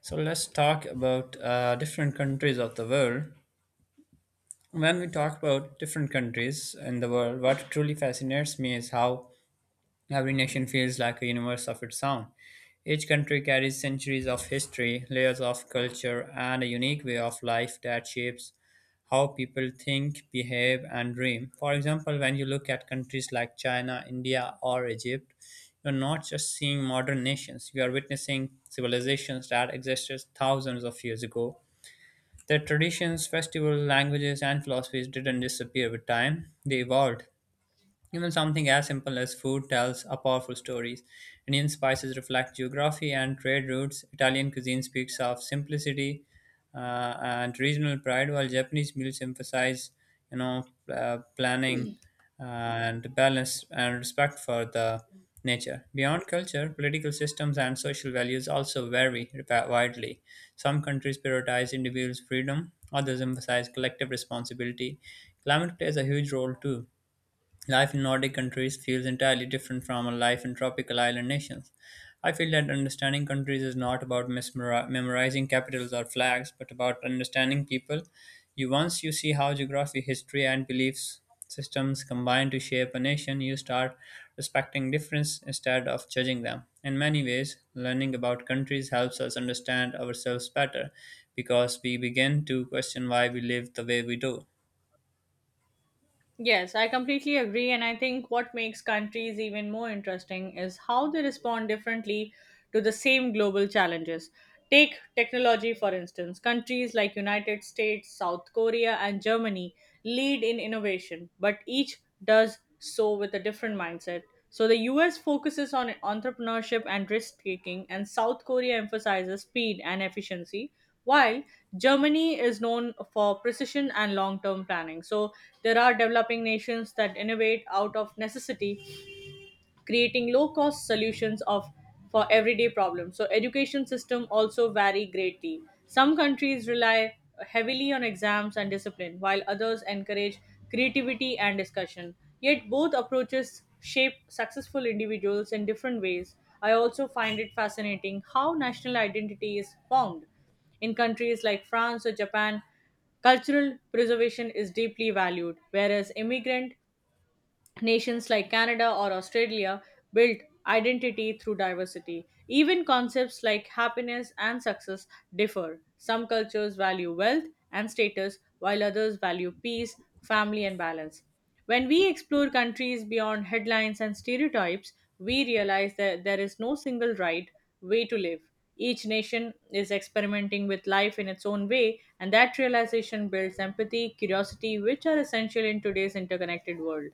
So let's talk about different countries of the world. When we talk about different countries in the world, what truly fascinates me is how every nation feels like a universe of its own. Each country carries centuries of history, layers of culture, and a unique way of life that shapes how people think, behave, and dream. For example, when you look at countries like China, India, or Egypt, you're not just seeing modern nations, you are witnessing civilizations that existed thousands of years ago. Their traditions, festivals, languages, and philosophies didn't disappear with time, they evolved. Even something as simple as food tells a powerful stories. Indian spices reflect geography and trade routes. Italian cuisine speaks of simplicity and regional pride, while Japanese meals emphasize, you know, planning and balance and respect for the nature. Beyond culture, political systems and social values also vary widely. Some countries prioritize individuals' freedom, others emphasize collective responsibility. Climate plays a huge role too. Life in Nordic countries feels entirely different from a life in tropical island nations. I feel that understanding countries is not about memorizing capitals or flags, but about understanding people. You Once you see how geography, history, and beliefs systems combine to shape a nation, you start respecting difference instead of judging them. In many ways, learning about countries helps us understand ourselves better because we begin to question why we live the way we do. Yes, I completely agree. And I think what makes countries even more interesting is how they respond differently to the same global challenges. Take technology for instance. Countries like United States, South Korea and Germany lead in innovation, but each does so with a different mindset. So the US focuses on entrepreneurship and risk taking and South Korea emphasizes speed and efficiency while Germany is known for precision and long term planning. So there are developing nations that innovate out of necessity creating low cost solutions of for everyday problems. So education system also vary greatly. Some countries rely heavily on exams and discipline while others encourage creativity and discussion, yet both approaches shape successful individuals in different ways. I also find it fascinating how national identity is formed in countries like France or Japan. Cultural preservation is deeply valued, whereas immigrant nations like Canada or Australia built identity through diversity. Even concepts like happiness and success differ. Some cultures value wealth and status, while others value peace, family, and balance. When we explore countries beyond headlines and stereotypes, we realize that there is no single right way to live. Each nation is experimenting with life in its own way, and that realization builds empathy, curiosity, which are essential in today's interconnected world.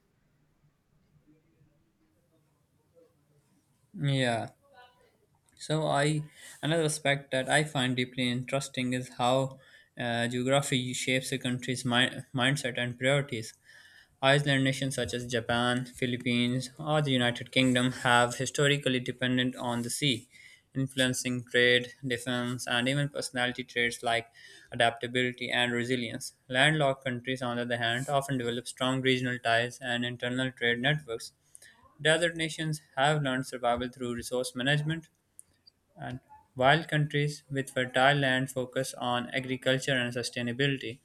Yeah. So I Another aspect that I find deeply interesting is how geography shapes a country's mindset and priorities. Island nations such as Japan, Philippines, or the United Kingdom have historically depended on the sea, influencing trade, defense, and even personality traits like adaptability and resilience. Landlocked countries, on the other hand, often develop strong regional ties and internal trade networks. Desert nations have learned survival through resource management, and while countries with fertile land focus on agriculture and sustainability,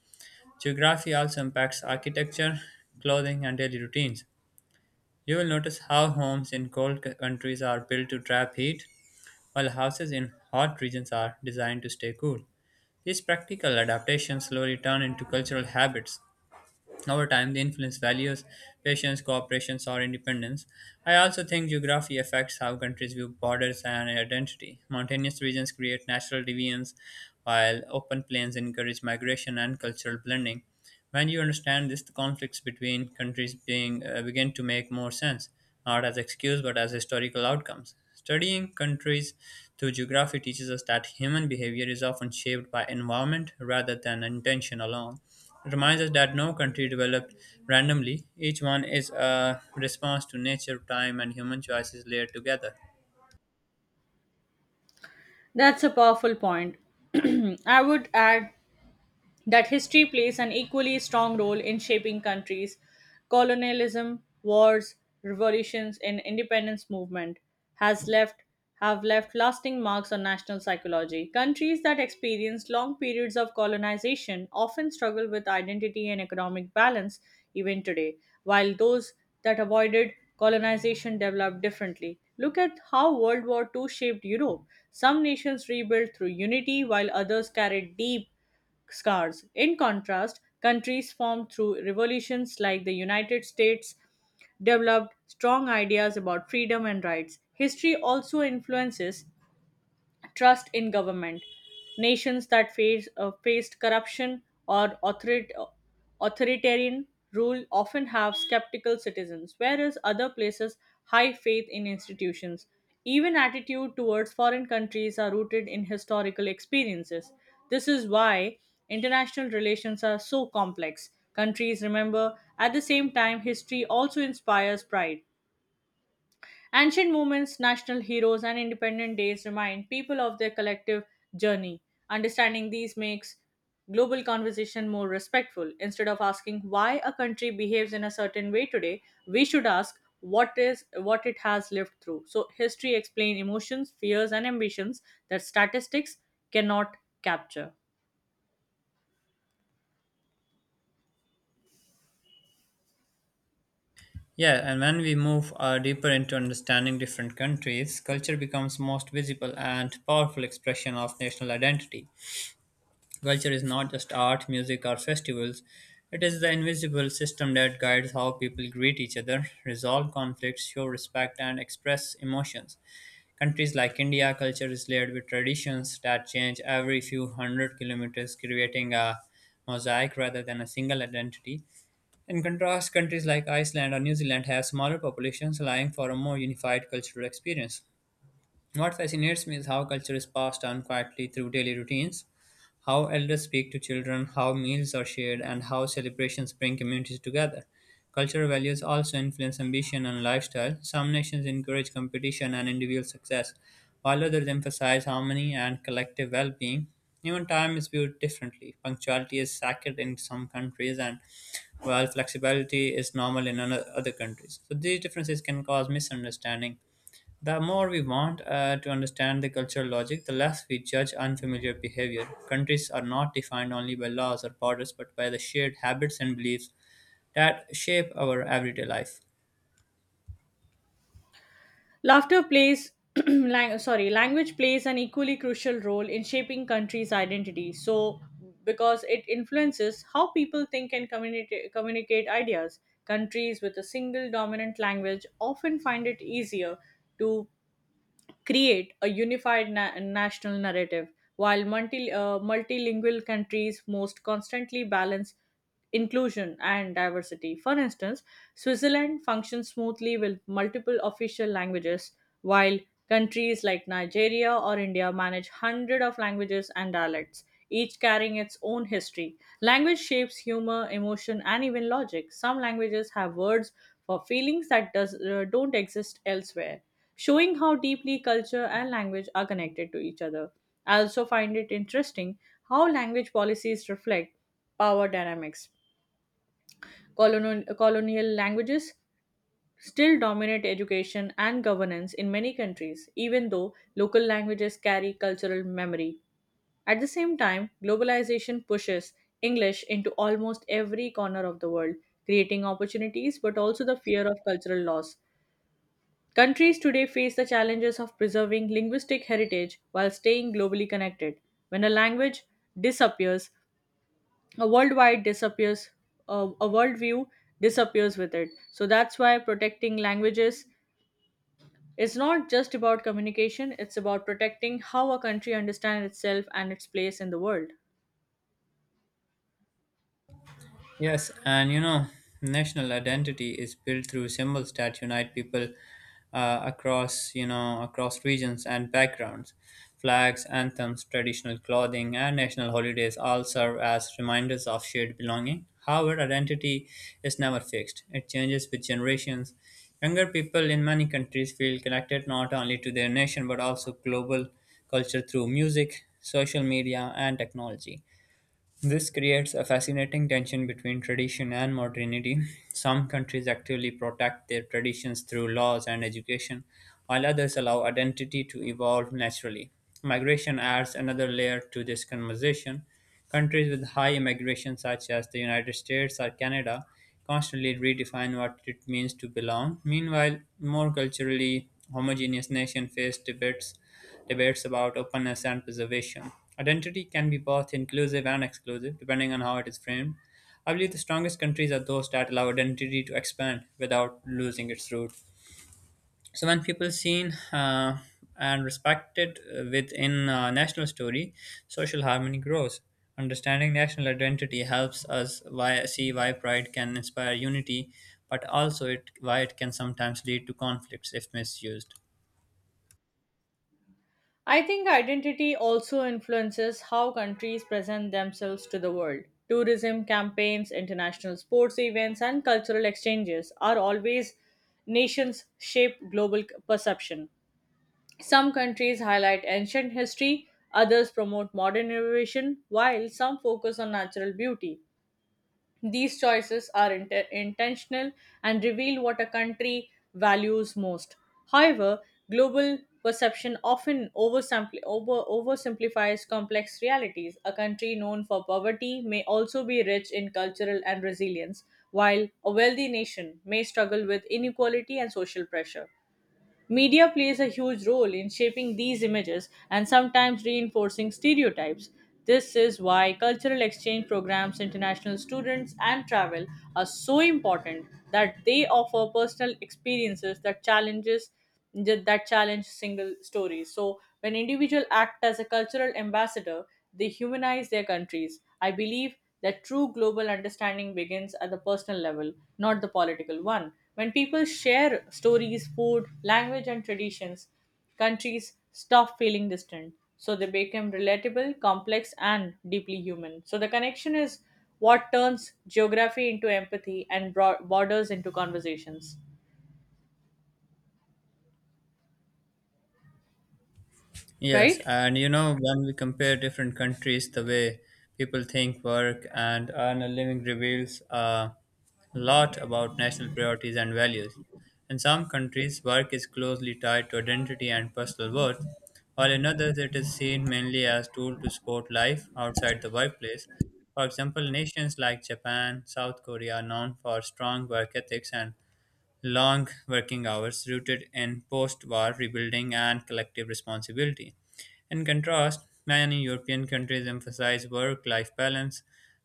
geography also impacts architecture, clothing, and daily routines. You will notice how homes in cold countries are built to trap heat, while houses in hot regions are designed to stay cool. These practical adaptations slowly turn into cultural habits over time, they influence values, patience, cooperation, or independence. I also think geography affects how countries view borders and identity. Mountainous regions create natural deviance, while open plains encourage migration and cultural blending. When you understand this, the conflicts between countries begin to make more sense, not as excuse but as historical outcomes. Studying countries through geography teaches us that human behavior is often shaped by environment rather than intention alone. It reminds us that no country developed randomly, each one is a response to nature, time, and human choices layered together. That's a powerful point. I would add that history plays an equally strong role in shaping countries, colonialism, wars, revolutions, and independence movement has left have left lasting marks on national psychology. Countries that experienced long periods of colonization often struggle with identity and economic balance even today, while those that avoided colonization developed differently. Look at how World War Two shaped Europe. Some nations rebuilt through unity, while others carried deep scars. In contrast, countries formed through revolutions like the United States developed strong ideas about freedom and rights. History also influences trust in government. Nations that faced corruption or authoritarian rule often have skeptical citizens, whereas other places high faith in institutions. Even attitude towards foreign countries are rooted in historical experiences. This is why international relations are so complex. Countries remember at the same time history also inspires pride. Ancient movements, national heroes, and independent days remind people of their collective journey. Understanding these makes global conversation more respectful. Instead of asking why a country behaves in a certain way today, we should ask what it has lived through. So history explains emotions, fears, and ambitions that statistics cannot capture. Yeah, and when we move deeper into understanding different countries, culture becomes most visible and powerful expression of national identity. Culture is not just art, music, or festivals. It is the invisible system that guides how people greet each other, resolve conflicts, show respect, and express emotions. Countries like India, culture is layered with traditions that change every few hundred kilometers, creating a mosaic rather than a single identity. In contrast, countries like Iceland or New Zealand have smaller populations, allowing for a more unified cultural experience. What fascinates me is how culture is passed down quietly through daily routines, how elders speak to children, how meals are shared, and how celebrations bring communities together. Cultural values also influence ambition and lifestyle. Some nations encourage competition and individual success, while others emphasize harmony and collective well being. Even time is viewed differently. Punctuality is sacred in some countries, and while flexibility is normal in other countries. So, these differences can cause misunderstanding. The more we want to understand the cultural logic, the less we judge unfamiliar behavior. Countries are not defined only by laws or borders, but by the shared habits and beliefs that shape our everyday life. Laughter plays, language plays an equally crucial role in shaping countries' identity. So, because it influences how people think and communicate ideas, countries with a single dominant language often find it easier to create a unified national narrative, while multilingual countries most constantly balance inclusion and diversity. For instance, Switzerland functions smoothly with multiple official languages, while countries like Nigeria or India manage hundreds of languages and dialects, each carrying its own history. Language shapes humor, emotion, and even logic. Some languages have words for feelings that don't exist elsewhere, showing how deeply culture and language are connected to each other. I also find it interesting how language policies reflect power dynamics. Colonial languages still dominate education and governance in many countries, even though local languages carry cultural memory. At the same time, globalization pushes English into almost every corner of the world, creating opportunities but also the fear of cultural loss. Countries today face the challenges of preserving linguistic heritage while staying globally connected. When a language disappears, a worldwide disappears, a, a worldview disappears with it. So that's why protecting languages is not just about communication, it's about protecting how a country understands itself and its place in the world. Yes, and you know, national identity is built through symbols that unite people across, you know, across regions and backgrounds. Flags, anthems, traditional clothing, and national holidays all serve as reminders of shared belonging. However, identity is never fixed. It changes with generations. Younger people in many countries feel connected not only to their nation but also global culture through music, social media, and technology. This creates a fascinating tension between tradition and modernity. Some countries actively protect their traditions through laws and education, while others allow identity to evolve naturally. Migration adds another layer to this conversation. Countries with high immigration, such as the United States or Canada, constantly redefine what it means to belong. Meanwhile, more culturally homogeneous nations face debates about openness and preservation. Identity can be both inclusive and exclusive, depending on how it is framed. I believe the strongest countries are those that allow identity to expand without losing its root. So when people seen and respected within a national story, social harmony grows. Understanding national identity helps us see why pride can inspire unity, but also why it can sometimes lead to conflicts if misused. I think identity also influences how countries present themselves to the world. Tourism campaigns, international sports events, and cultural exchanges are always nations shape global perception. Some countries highlight ancient history, others promote modern innovation, while some focus on natural beauty. These choices are intentional and reveal what a country values most. However, global perception often oversimplifies complex realities. A country known for poverty may also be rich in cultural and resilience, while a wealthy nation may struggle with inequality and social pressure. Media plays a huge role in shaping these images and sometimes reinforcing stereotypes. This is why cultural exchange programs, international students, and travel are so important that they offer personal experiences that challenge single stories. So when individuals act as a cultural ambassador, they humanize their countries. I believe that true global understanding begins at the personal level, not the political one. When people share stories, food, language, and traditions, countries stop feeling distant. So they become relatable, complex, and deeply human. So the connection is what turns geography into empathy and borders into conversations, Yes, right? and you know, when we compare different countries, the way people think, work, and earn a living reveals a lot about national priorities and values. In some countries, work is closely tied to identity and personal worth, while in others, it is seen mainly as tool to support life outside the workplace. For example, nations like Japan, South Korea are known for strong work ethics and long working hours rooted in post war rebuilding and collective responsibility. In contrast, many European countries emphasize work life balance,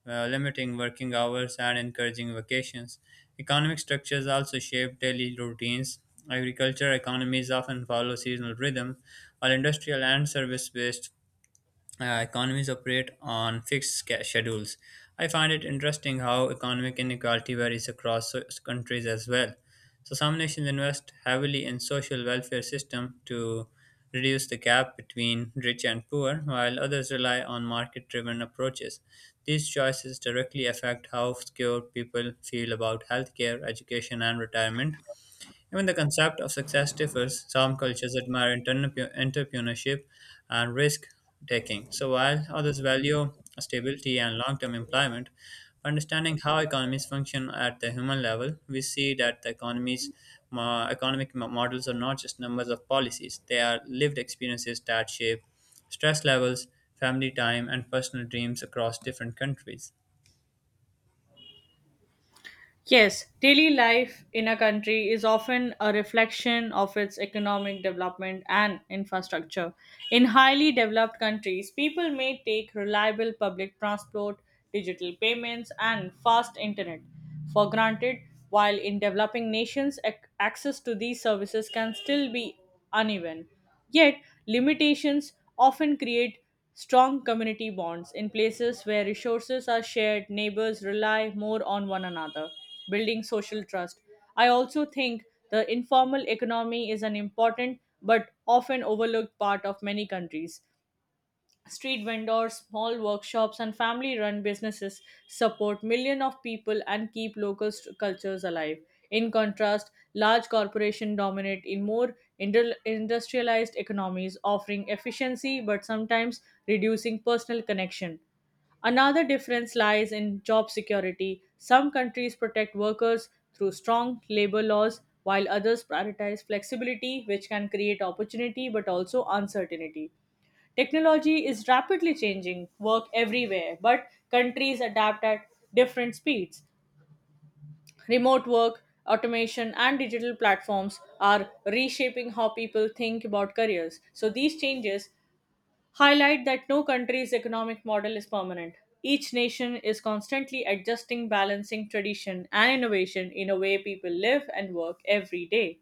limiting working hours and encouraging vacations. Economic structures also shape daily routines. Agriculture economies often follow seasonal rhythm, while industrial and service based economies operate on fixed schedules. I find it interesting how economic inequality varies across countries as well. So some nations invest heavily in social welfare system to reduce the gap between rich and poor, while others rely on market-driven approaches. These choices directly affect how skilled people feel about healthcare, education, and retirement. Even the concept of success differs. Some cultures admire entrepreneurship and risk taking. So, while others value stability and long term employment, understanding how economies function at the human level, we see that the economic models are not just numbers of policies, they are lived experiences that shape stress levels, family time, and personal dreams across different countries. Yes, daily life in a country is often a reflection of its economic development and infrastructure. In highly developed countries, people may take reliable public transport, digital payments, and fast internet for granted, while in developing nations, access to these services can still be uneven. Yet, limitations often create strong community bonds. In places where resources are shared, neighbors rely more on one another building social trust. I also think the informal economy is an important but often overlooked part of many countries. Street vendors, small workshops, and family run businesses support millions of people and keep local cultures alive. In contrast, large corporations dominate in more industrialized economies, offering efficiency but sometimes reducing personal connection. Another difference lies in job security. Some countries protect workers through strong labor laws, while others prioritize flexibility, which can create opportunity but also uncertainty. Technology is rapidly changing work everywhere, but countries adapt at different speeds. Remote work, automation, and digital platforms are reshaping how people think about careers. So, these changes highlight that no country's economic model is permanent. Each nation is constantly adjusting, balancing tradition and innovation in a way people live and work every day.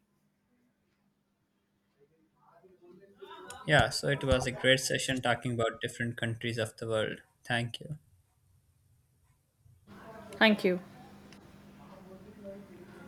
Yeah, so it was a great session talking about different countries of the world. Thank you. Thank you.